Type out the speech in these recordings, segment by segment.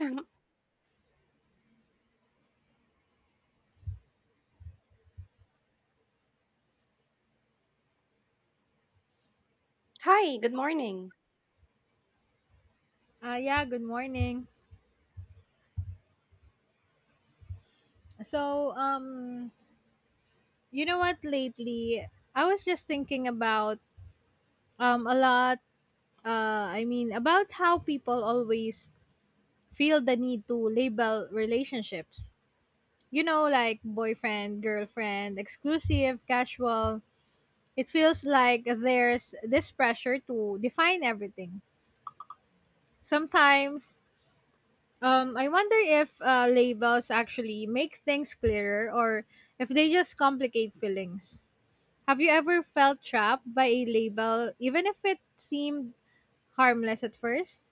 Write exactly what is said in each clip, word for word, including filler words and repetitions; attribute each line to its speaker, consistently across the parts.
Speaker 1: Um, Hi, good morning.
Speaker 2: Uh, yeah, good morning. So, um, you know what, lately, I was just thinking about um, a lot, uh, I mean, about how people always feel the need to label relationships. You know, like boyfriend, girlfriend, exclusive, casual. It feels like there's this pressure to define everything. Sometimes, um, I wonder if uh, labels actually make things clearer or if they just complicate feelings. Have you ever felt trapped by a label, even if it seemed harmless at first?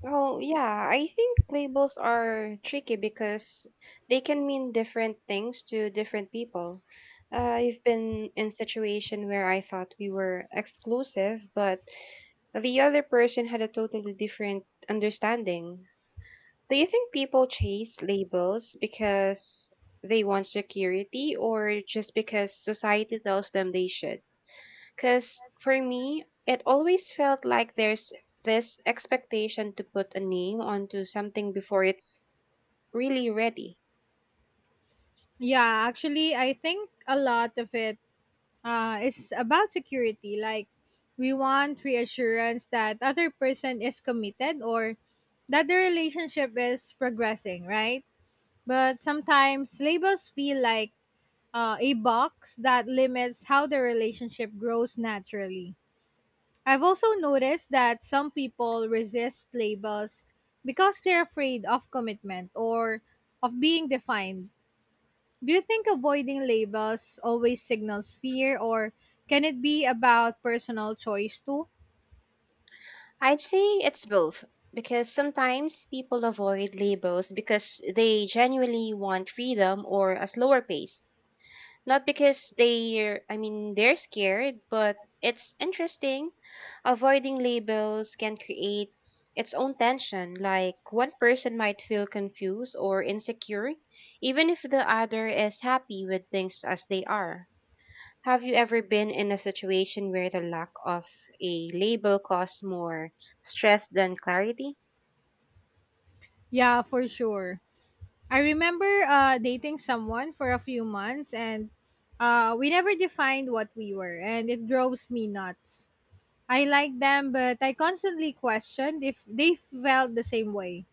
Speaker 1: Well, yeah, I think labels are tricky because they can mean different things to different people. Uh, I've been in situation where I thought we were exclusive, but the other person had a totally different understanding. Do you think people chase labels because they want security or just because society tells them they should? Because for me, it always felt like there's this expectation to put a name onto something before it's really ready.
Speaker 2: Yeah, actually, I think a lot of it uh, is about security. Like, we want reassurance that other person is committed or that the relationship is progressing, right? But sometimes labels feel like uh, a box that limits how the relationship grows naturally. I've also noticed that some people resist labels because they're afraid of commitment or of being defined. Do you think avoiding labels always signals fear, or can it be about personal choice too?
Speaker 1: I'd say it's both, because sometimes people avoid labels because they genuinely want freedom or a slower pace. Not because they're, I mean, they're scared, but it's interesting. Avoiding labels can create its own tension. Like one person might feel confused or insecure, even if the other is happy with things as they are. Have you ever been in a situation where the lack of a label caused more stress than clarity?
Speaker 2: Yeah, for sure. I remember uh, dating someone for a few months and uh, we never defined what we were, and it drives me nuts. I liked them, but I constantly questioned if they felt the same way.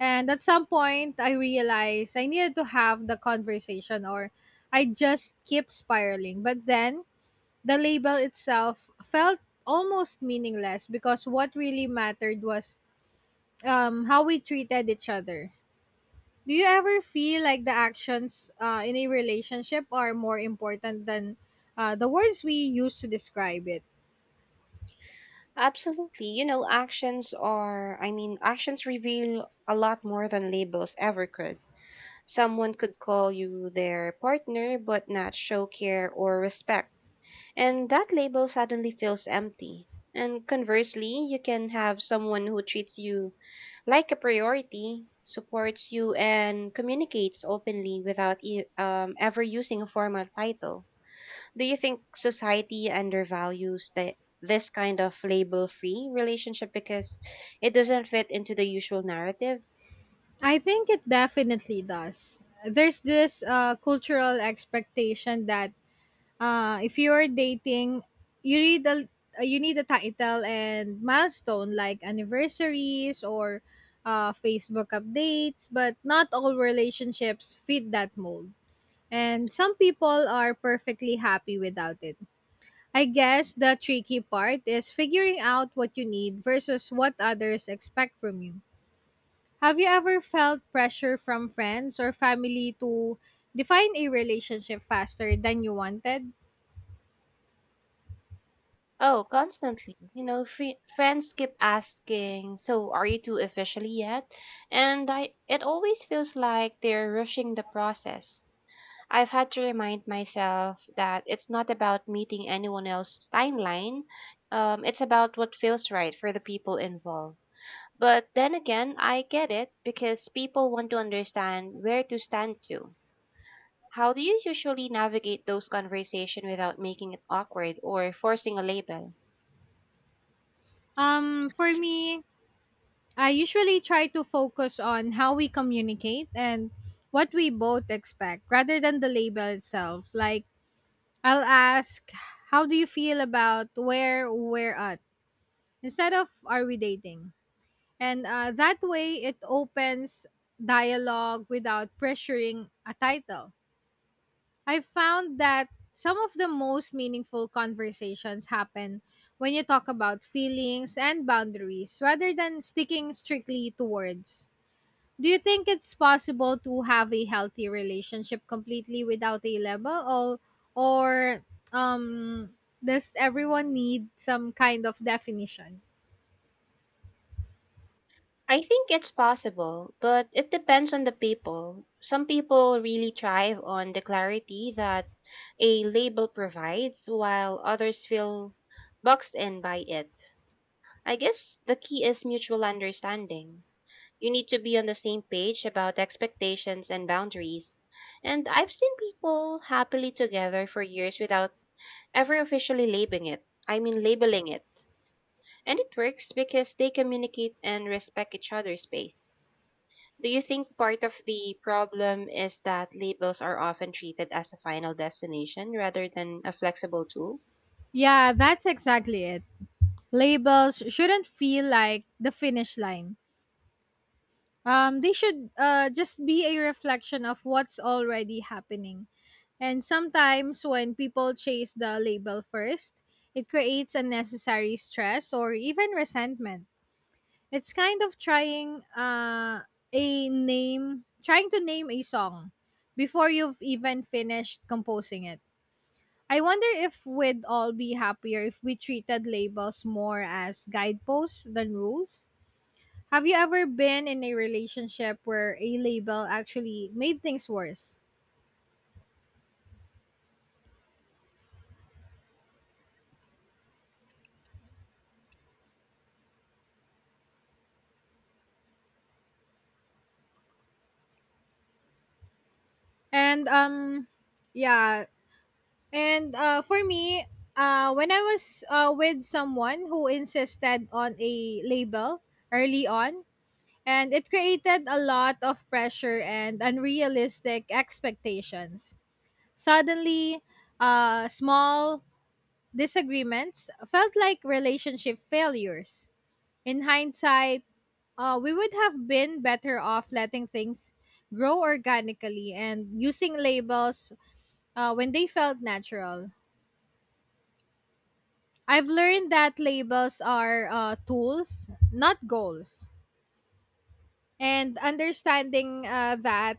Speaker 2: And at some point, I realized I needed to have the conversation or I just keep spiraling. But then the label itself felt almost meaningless because what really mattered was um, how we treated each other. Do you ever feel like the actions uh, in a relationship are more important than uh, the words we use to describe it?
Speaker 1: Absolutely. You know, actions are, I mean, actions reveal a lot more than labels ever could. Someone could call you their partner but not show care or respect, and that label suddenly feels empty. And conversely, you can have someone who treats you like a priority, supports you, and communicates openly without e- um, ever using a formal title. Do you think society undervalues the, this kind of label free relationship because it doesn't fit into the usual narrative?
Speaker 2: I think it definitely does. There's this uh, cultural expectation that uh, if you're dating, you read the uh, you need a title and milestone like anniversaries or uh, Facebook updates, but not all relationships fit that mold. And some people are perfectly happy without it. I guess the tricky part is figuring out what you need versus what others expect from you. Have you ever felt pressure from friends or family to define a relationship faster than you wanted?
Speaker 1: Oh, constantly. You know, free, friends keep asking, "So, are you two officially yet?" And I, it always feels like they're rushing the process. I've had to remind myself that it's not about meeting anyone else's timeline. Um, it's about what feels right for the people involved. But then again, I get it because people want to understand where to stand to. How do you usually navigate those conversations without making it awkward or forcing a label?
Speaker 2: Um, for me, I usually try to focus on how we communicate and what we both expect rather than the label itself. Like, I'll ask, "How do you feel about where we're at?" instead of "Are we dating?" And uh, That way, it opens dialogue without pressuring a title. I've found that some of the most meaningful conversations happen when you talk about feelings and boundaries rather than sticking strictly to words. Do you think it's possible to have a healthy relationship completely without a label, or, or um does everyone need some kind of definition?
Speaker 1: I think it's possible, but it depends on the people. Some people really thrive on the clarity that a label provides, while others feel boxed in by it. I guess the key is mutual understanding. You need to be on the same page about expectations and boundaries. And I've seen people happily together for years without ever officially labeling it. I mean, labeling it. And it works because they communicate and respect each other's space. Do you think part of the problem is that labels are often treated as a final destination rather than a flexible tool?
Speaker 2: Yeah, that's exactly it. Labels shouldn't feel like the finish line. Um, they should uh, just be a reflection of what's already happening. And sometimes when people chase the label first, it creates unnecessary stress or even resentment. It's kind of trying uh, a name, trying to name a song before you've even finished composing it. I wonder if we'd all be happier if we treated labels more as guideposts than rules. Have you ever been in a relationship where a label actually made things worse? And um yeah, and uh For me, uh when I was uh with someone who insisted on a label early on, and it created a lot of pressure and unrealistic expectations. Suddenly, uh small disagreements felt like relationship failures. In hindsight, uh, we would have been better off letting things grow organically and using labels uh, when they felt natural. I've learned that labels are uh, tools, not goals. And understanding uh, that,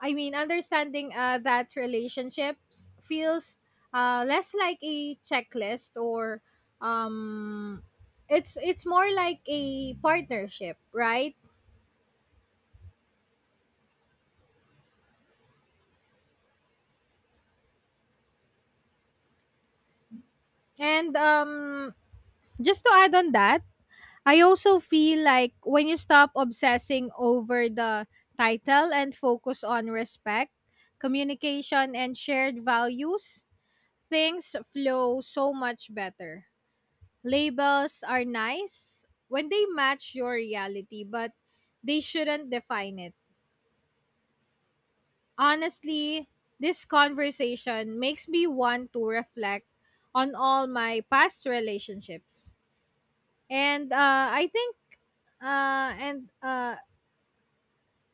Speaker 2: I mean, Understanding uh, that relationships feels uh, less like a checklist or um, it's it's more like a partnership, right? And um, Just to add on that, I also feel like when you stop obsessing over the title and focus on respect, communication, and shared values, things flow so much better. Labels are nice when they match your reality, but they shouldn't define it. Honestly, this conversation makes me want to reflect on all my past relationships. And uh, I think uh, and uh,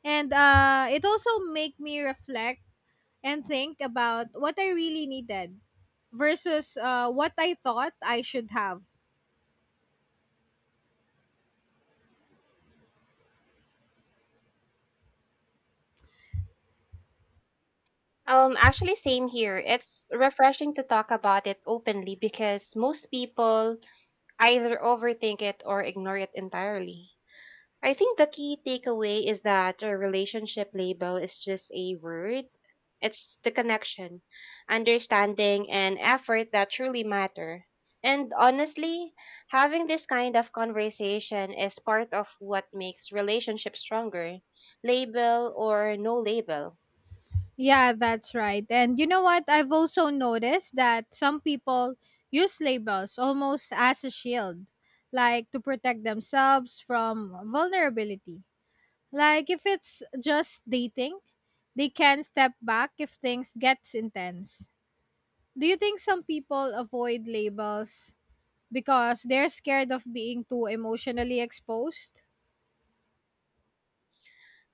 Speaker 2: And uh, It also make me reflect and think about what I really needed versus uh, what I thought I should have.
Speaker 1: Um, actually, same here. It's refreshing to talk about it openly because most people either overthink it or ignore it entirely. I think the key takeaway is that a relationship label is just a word. It's the connection, understanding, and effort that truly matter. And honestly, having this kind of conversation is part of what makes relationships stronger, label or no label.
Speaker 2: Yeah, that's right. And you know what? I've also noticed that some people use labels almost as a shield, like to protect themselves from vulnerability. Like if it's just dating, they can step back if things gets intense. Do you think some people avoid labels because they're scared of being too emotionally exposed?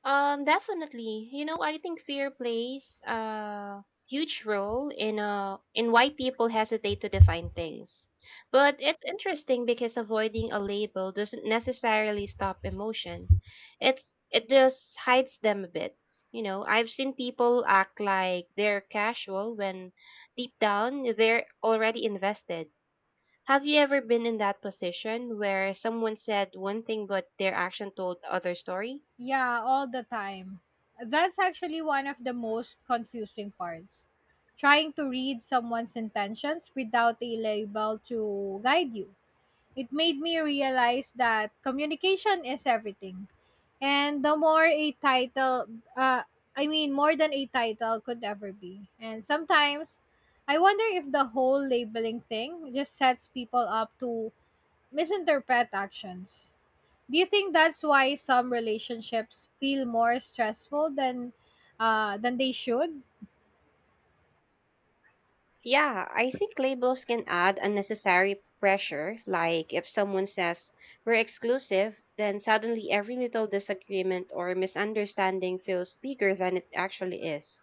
Speaker 1: Um, definitely. You know, I think fear plays a huge role in uh in why people hesitate to define things. But it's interesting because avoiding a label doesn't necessarily stop emotion. It's it just hides them a bit. You know, I've seen people act like they're casual when deep down they're already invested. Have you ever been in that position where someone said one thing but their action told other story?
Speaker 2: Yeah, all the time. That's actually one of the most confusing parts. Trying to read someone's intentions without a label to guide you. It made me realize that communication is everything. And the more a title, uh, I mean, More than a title could ever be. And sometimes I wonder if the whole labeling thing just sets people up to misinterpret actions. Do you think that's why some relationships feel more stressful than uh, than they should?
Speaker 1: Yeah, I think labels can add unnecessary pressure. Like if someone says, we're exclusive, then suddenly every little disagreement or misunderstanding feels bigger than it actually is.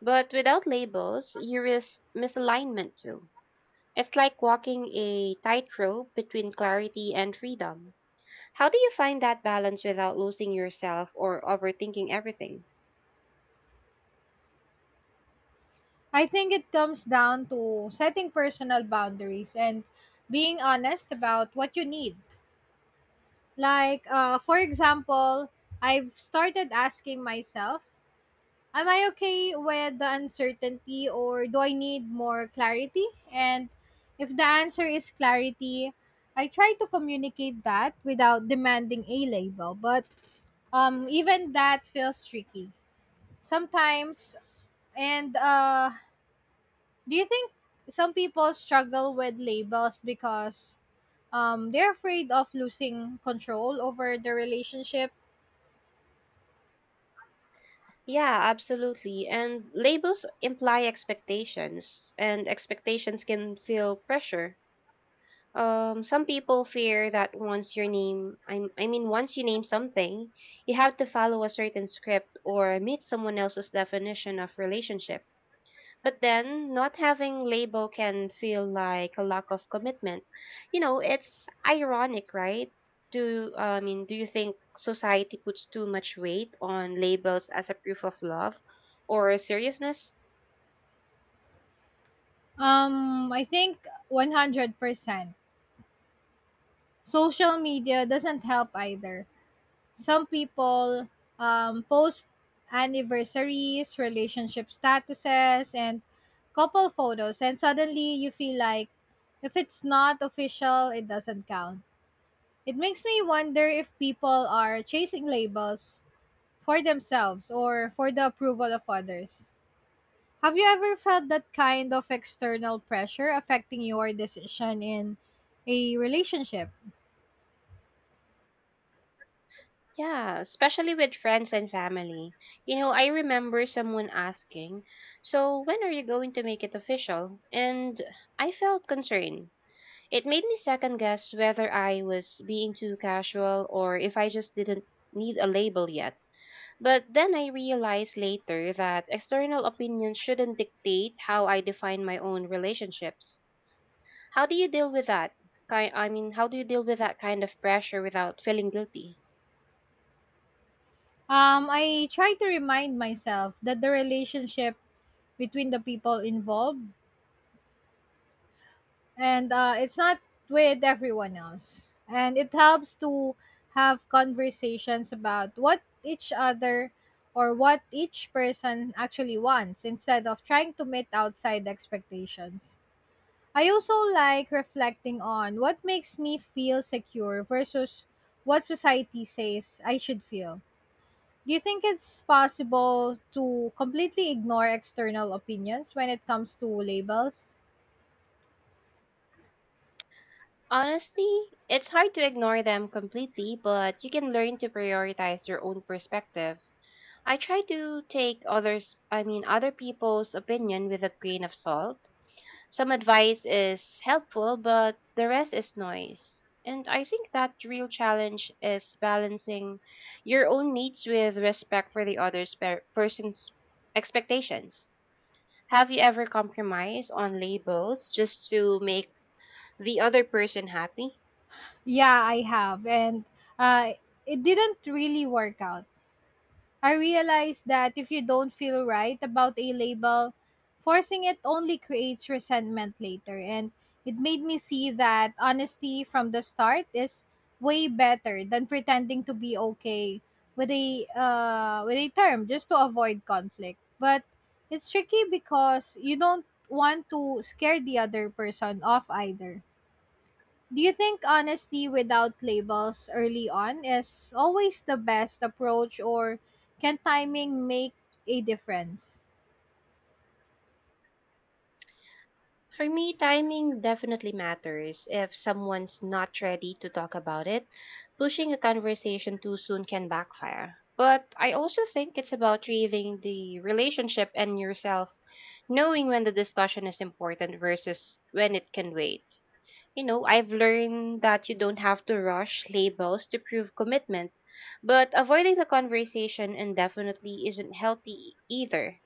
Speaker 1: But without labels, you risk misalignment too. It's like walking a tightrope between clarity and freedom. How do you find that balance without losing yourself or overthinking everything?
Speaker 2: I think it comes down to setting personal boundaries and being honest about what you need. Like, uh, for example, I've started asking myself, "Am I okay with the uncertainty or do I need more clarity?" And if the answer is clarity, I try to communicate that without demanding a label, but um, even that feels tricky sometimes. And uh, Do you think some people struggle with labels because um, they're afraid of losing control over the relationship?
Speaker 1: Yeah, absolutely. And labels imply expectations, and expectations can feel pressure. Um, some people fear that once your name, I, I mean, once you name something, you have to follow a certain script or meet someone else's definition of relationship. But then, not having label can feel like a lack of commitment. You know, it's ironic, right? Do uh, I mean, do you think society puts too much weight on labels as a proof of love or seriousness?
Speaker 2: Um, I think one hundred percent. Social media doesn't help either. Some people um, post anniversaries, relationship statuses, and couple photos, and suddenly you feel like if it's not official, it doesn't count. It makes me wonder if people are chasing labels for themselves or for the approval of others. Have you ever felt that kind of external pressure affecting your decision in a relationship?
Speaker 1: Yeah, especially with friends and family. You know, I remember someone asking, "So, when are you going to make it official?" And I felt concerned. It made me second guess whether I was being too casual or if I just didn't need a label yet. But then I realized later that external opinions shouldn't dictate how I define my own relationships. How do you deal with that? Ki- I mean, how do you deal with that kind of pressure without feeling guilty?
Speaker 2: Um, I try to remind myself that the relationship between the people involved and uh, it's not with everyone else. And it helps to have conversations about what each other or what each person actually wants instead of trying to meet outside expectations. I also like reflecting on what makes me feel secure versus what society says I should feel. Do you think it's possible to completely ignore external opinions when it comes to labels?
Speaker 1: Honestly, it's hard to ignore them completely, but you can learn to prioritize your own perspective. I try to take others, I mean, other people's opinion with a grain of salt. Some advice is helpful, but the rest is noise. And I think that real challenge is balancing your own needs with respect for the other per- person's expectations. Have you ever compromised on labels just to make the other person happy?
Speaker 2: Yeah, I have. And uh, it didn't really work out. I realized that if you don't feel right about a label, forcing it only creates resentment later. And it made me see that honesty from the start is way better than pretending to be okay with a uh, with a term just to avoid conflict. But it's tricky because you don't want to scare the other person off either. Do you think honesty without labels early on is always the best approach, or can timing make a difference?
Speaker 1: For me, timing definitely matters. If someone's not ready to talk about it, pushing a conversation too soon can backfire. But I also think it's about reading the relationship and yourself, knowing when the discussion is important versus when it can wait. You know, I've learned that you don't have to rush labels to prove commitment, but avoiding the conversation indefinitely isn't healthy e-, either.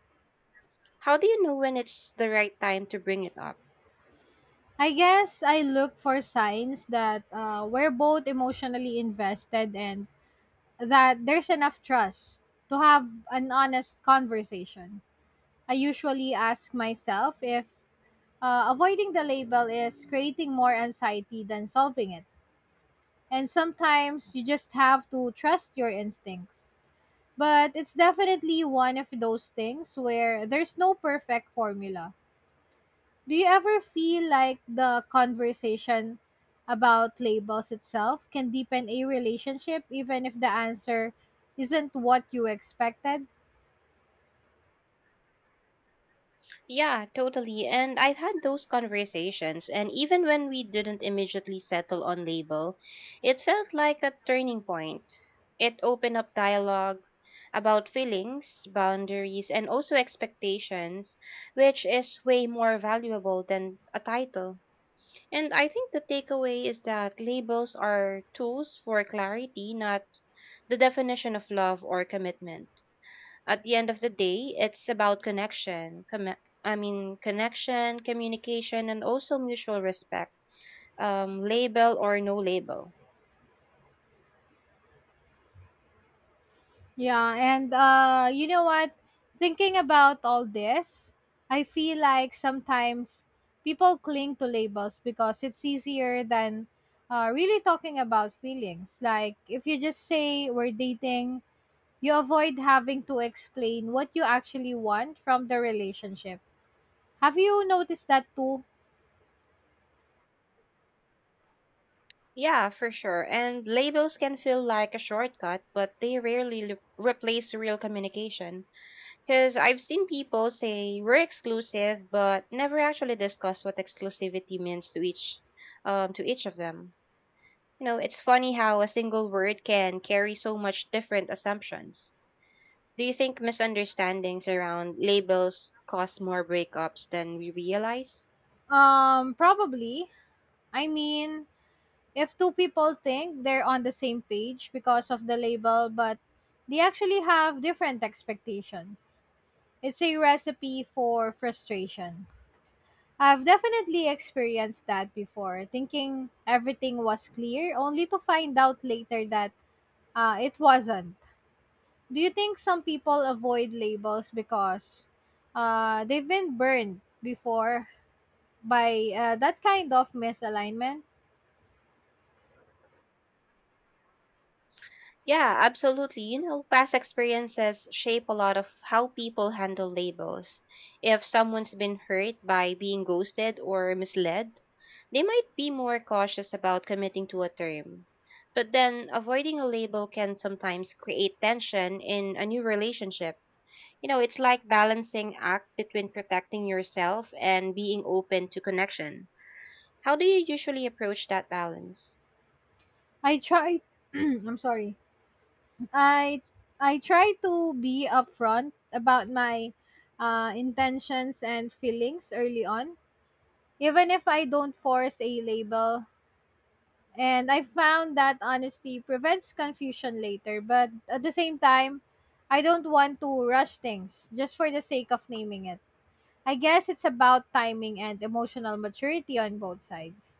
Speaker 1: How do you know when it's the right time to bring it up?
Speaker 2: I guess I look for signs that uh, we're both emotionally invested and that there's enough trust to have an honest conversation. I usually ask myself if uh, avoiding the label is creating more anxiety than solving it. And sometimes you just have to trust your instincts. But it's definitely one of those things where there's no perfect formula. Do you ever feel like the conversation about labels itself can deepen a relationship even if the answer isn't what you expected?
Speaker 1: Yeah, totally. And I've had those conversations, and even when we didn't immediately settle on label, it felt like a turning point. It opened up dialogue about feelings, boundaries, and also expectations, which is way more valuable than a title. And I think the takeaway is that labels are tools for clarity, not the definition of love or commitment. At the end of the day, it's about connection. Com- I mean, connection, communication, and also mutual respect. Um, label or no label.
Speaker 2: Yeah, and uh You know what? Thinking about all this, I feel like sometimes people cling to labels because it's easier than uh, really talking about feelings. Like if you just say we're dating, you avoid having to explain what you actually want from the relationship. Have you noticed that too?
Speaker 1: Yeah, for sure. And labels can feel like a shortcut, but they rarely l- replace real communication. Because I've seen people say we're exclusive, but never actually discuss what exclusivity means to each, um, to each of them. You know, it's funny how a single word can carry so much different assumptions. Do you think misunderstandings around labels cause more breakups than we realize?
Speaker 2: Um, probably. I mean, if two people think they're on the same page because of the label, but they actually have different expectations, it's a recipe for frustration. I've definitely experienced that before, thinking everything was clear, only to find out later that uh, it wasn't. Do you think some people avoid labels because uh, they've been burned before by uh, that kind of misalignment?
Speaker 1: Yeah, absolutely. You know, past experiences shape a lot of how people handle labels. If someone's been hurt by being ghosted or misled, they might be more cautious about committing to a term. But then avoiding a label can sometimes create tension in a new relationship. You know, it's like balancing act between protecting yourself and being open to connection. How do you usually approach that balance?
Speaker 2: I try. I'm sorry. I I try to be upfront about my uh, intentions and feelings early on, even if I don't force a label. And I found that honesty prevents confusion later, but at the same time, I don't want to rush things just for the sake of naming it. I guess it's about timing and emotional maturity on both sides.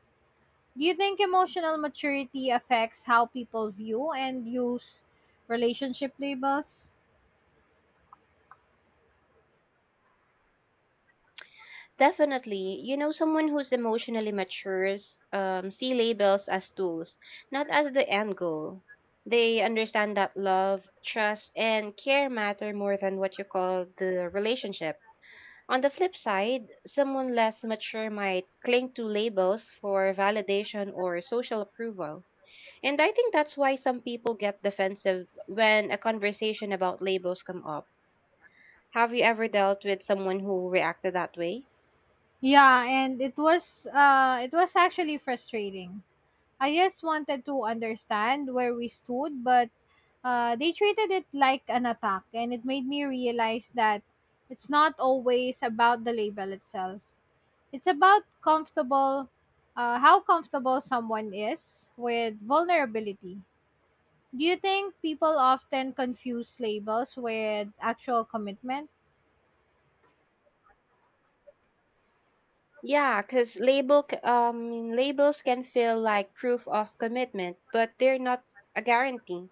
Speaker 2: Do you think emotional maturity affects how people view and use relationship labels?
Speaker 1: Definitely, you know, someone who's emotionally matures um, see labels as tools, not as the end goal. They understand that love, trust, and care matter more than what you call the relationship. On the flip side, someone less mature might cling to labels for validation or social approval. And I think that's why some people get defensive when a conversation about labels come up. Have you ever dealt with someone who reacted that way?
Speaker 2: Yeah, and it was uh it was actually frustrating. I just wanted to understand where we stood, but uh they treated it like an attack and it made me realize that it's not always about the label itself. It's about comfortable, uh, how comfortable someone is with vulnerability. Do you think people often confuse labels with actual commitment?
Speaker 1: Yeah, because label c- um labels can feel like proof of commitment, but they're not a guarantee.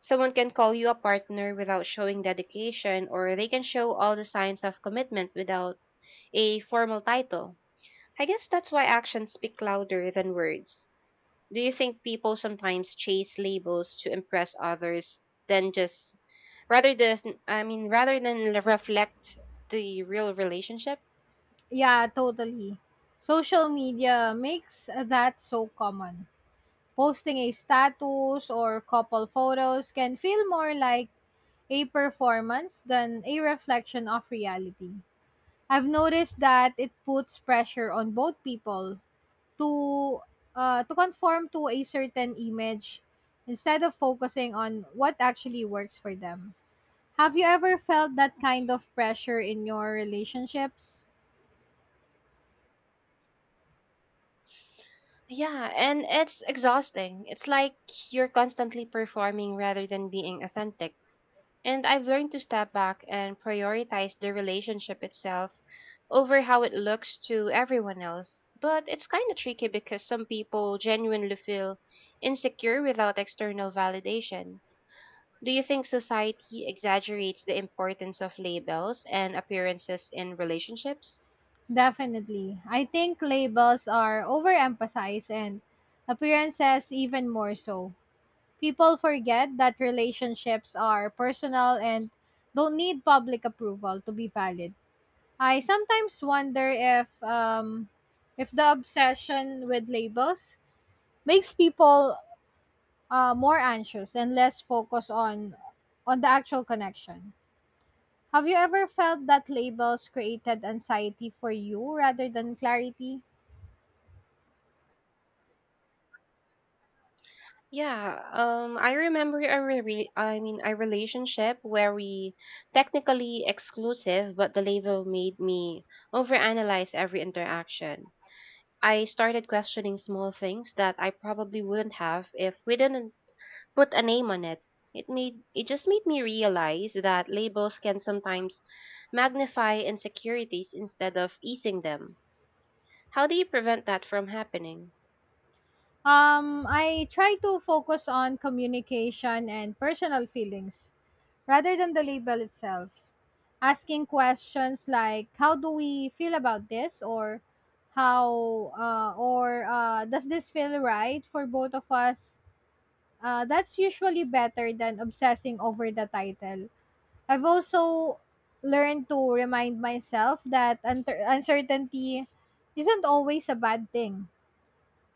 Speaker 1: Someone can call you a partner without showing dedication, or they can show all the signs of commitment without a formal title. I guess that's why actions speak louder than words. Do you think people sometimes chase labels to impress others than just rather than I mean rather than l- reflect the real relationship?
Speaker 2: Yeah, totally. Social media makes that so common. Posting a status or couple photos can feel more like a performance than a reflection of reality. I've noticed that it puts pressure on both people to uh, to conform to a certain image instead of focusing on what actually works for them. Have you ever felt that kind of pressure in your relationships?
Speaker 1: Yeah, and it's exhausting. It's like you're constantly performing rather than being authentic. And I've learned to step back and prioritize the relationship itself over how it looks to everyone else. But it's kind of tricky because some people genuinely feel insecure without external validation. Do you think society exaggerates the importance of labels and appearances in relationships?
Speaker 2: Definitely. I think labels are overemphasized and appearances even more so. People forget that relationships are personal and don't need public approval to be valid. I sometimes wonder if um, if the obsession with labels makes people uh, more anxious and less focused on on the actual connection. Have you ever felt that labels created anxiety for you rather than clarity?
Speaker 1: Yeah, um, I remember a re- I mean a relationship where we technically exclusive, but the label made me overanalyze every interaction. I started questioning small things that I probably wouldn't have if we didn't put a name on it. It made it just made me realize that labels can sometimes magnify insecurities instead of easing them. How do you prevent that from happening?
Speaker 2: Um, I try to focus on communication and personal feelings rather than the label itself. Asking questions like "How do we feel about this?" or "How uh, or uh, does this feel right for both of us?" Uh, that's usually better than obsessing over the title. I've also learned to remind myself that unter- uncertainty isn't always a bad thing.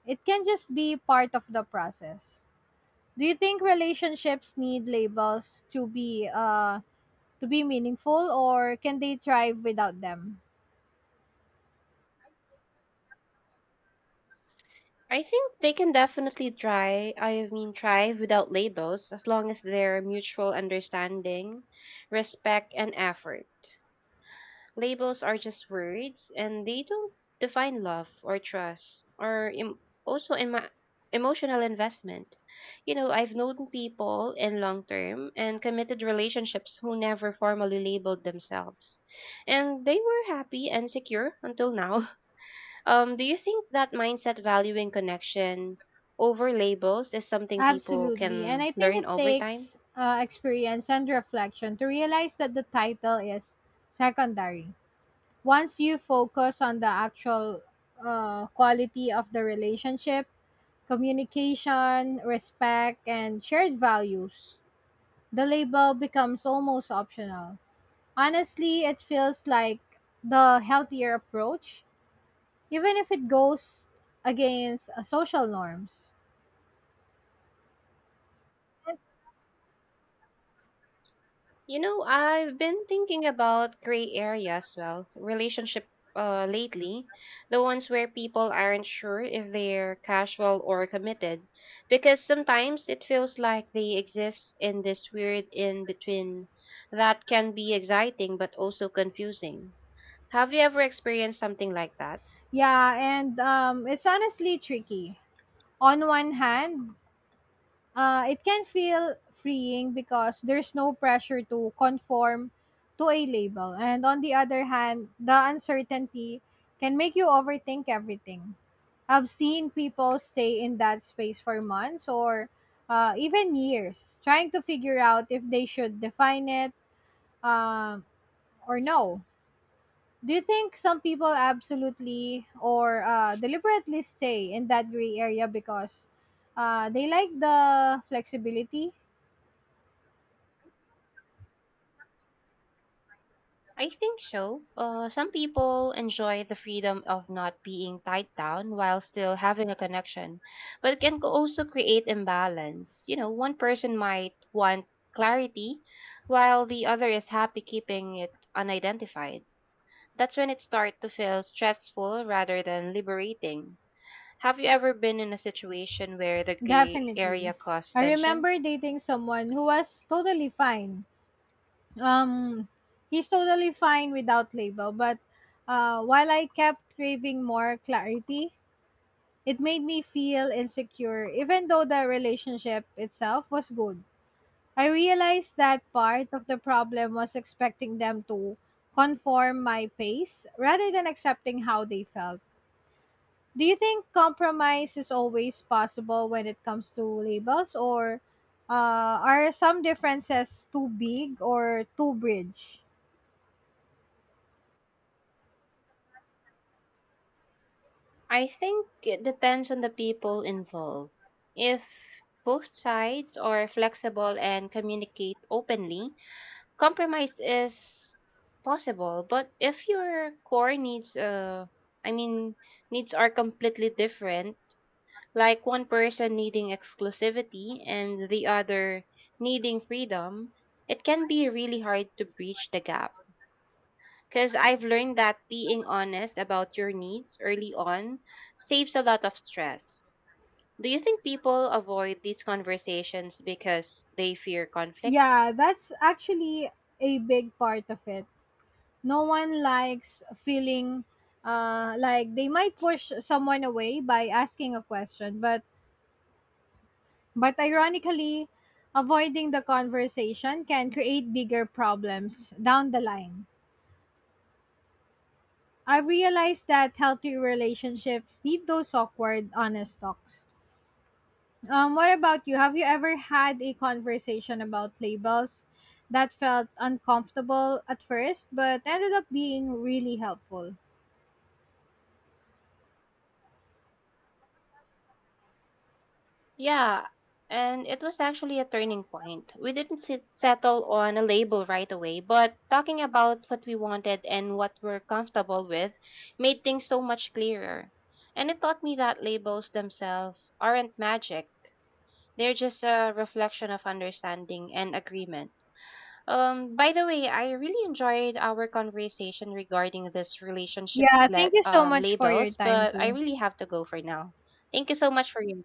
Speaker 2: It can just be part of the process. Do you think relationships need labels to be uh to be meaningful or can they thrive without them?
Speaker 1: I think they can definitely try, I mean, thrive without labels as long as there's mutual understanding, respect, and effort. Labels are just words and they don't define love or trust or em- also emo- emotional investment. You know, I've known people in long term and committed relationships who never formally labeled themselves, and they were happy and secure until now. Um, do you think that mindset valuing connection over labels is something people
Speaker 2: Absolutely. And
Speaker 1: can
Speaker 2: I think
Speaker 1: learn
Speaker 2: it
Speaker 1: over time?
Speaker 2: takes uh, experience and reflection to realize that the title is secondary. Once you focus on the actual uh, quality of the relationship, communication, respect, and shared values, the label becomes almost optional. Honestly, it feels like the healthier approach, even if it goes against uh, social norms.
Speaker 1: You know, I've been thinking about gray area as well, relationship uh, lately, the ones where people aren't sure if they're casual or committed, because sometimes it feels like they exist in this weird in between that can be exciting but also confusing. Have you ever experienced something like that?
Speaker 2: Yeah, and um, it's honestly tricky. On one hand, Uh, it can feel freeing because there's no pressure to conform to a label. And on the other hand, the uncertainty can make you overthink everything. I've seen people stay in that space for months or uh, even years, trying to figure out if they should define it um, or no. Do you think some people absolutely or uh, deliberately stay in that gray area because uh, they like the flexibility?
Speaker 1: I think so. Uh, some people enjoy the freedom of not being tied down while still having a connection, but it can co- also create imbalance. You know, one person might want clarity while the other is happy keeping it unidentified. That's when it starts to feel stressful rather than liberating. Have you ever been in a situation where the gray area
Speaker 2: Definitely.
Speaker 1: caused
Speaker 2: I
Speaker 1: tension?
Speaker 2: remember dating someone who was totally fine. Um, he's totally fine without label, but uh, while I kept craving more clarity, it made me feel insecure, even though the relationship itself was good. I realized that part of the problem was expecting them to conform my pace rather than accepting how they felt. Do you think compromise is always possible when it comes to labels, or uh, are some differences too big or too bridge?
Speaker 1: I think it depends on the people involved. If both sides are flexible and communicate openly, compromise is possible. But if your core needs, uh, I mean, needs are completely different, like one person needing exclusivity and the other needing freedom, it can be really hard to bridge the gap. Because I've learned that being honest about your needs early on saves a lot of stress. Do you think people avoid these conversations because they fear conflict?
Speaker 2: Yeah, that's actually a big part of it. No one likes feeling uh, like they might push someone away by asking a question, but but ironically, avoiding the conversation can create bigger problems down the line. I realized that healthy relationships need those awkward, honest talks. Um, what about you? Have you ever had a conversation about labels that felt uncomfortable at first, but ended up being really helpful?
Speaker 1: Yeah, and it was actually a turning point. We didn't sit, settle on a label right away, but talking about what we wanted and what we're comfortable with made things so much clearer. And it taught me that labels themselves aren't magic, they're just a reflection of understanding and agreement. Um, by the way, I really enjoyed our conversation regarding this relationship
Speaker 2: Yeah,
Speaker 1: le-
Speaker 2: thank you so
Speaker 1: um,
Speaker 2: much for your
Speaker 1: labels,
Speaker 2: time
Speaker 1: but I
Speaker 2: too.
Speaker 1: really have to go for now. Thank you so much for your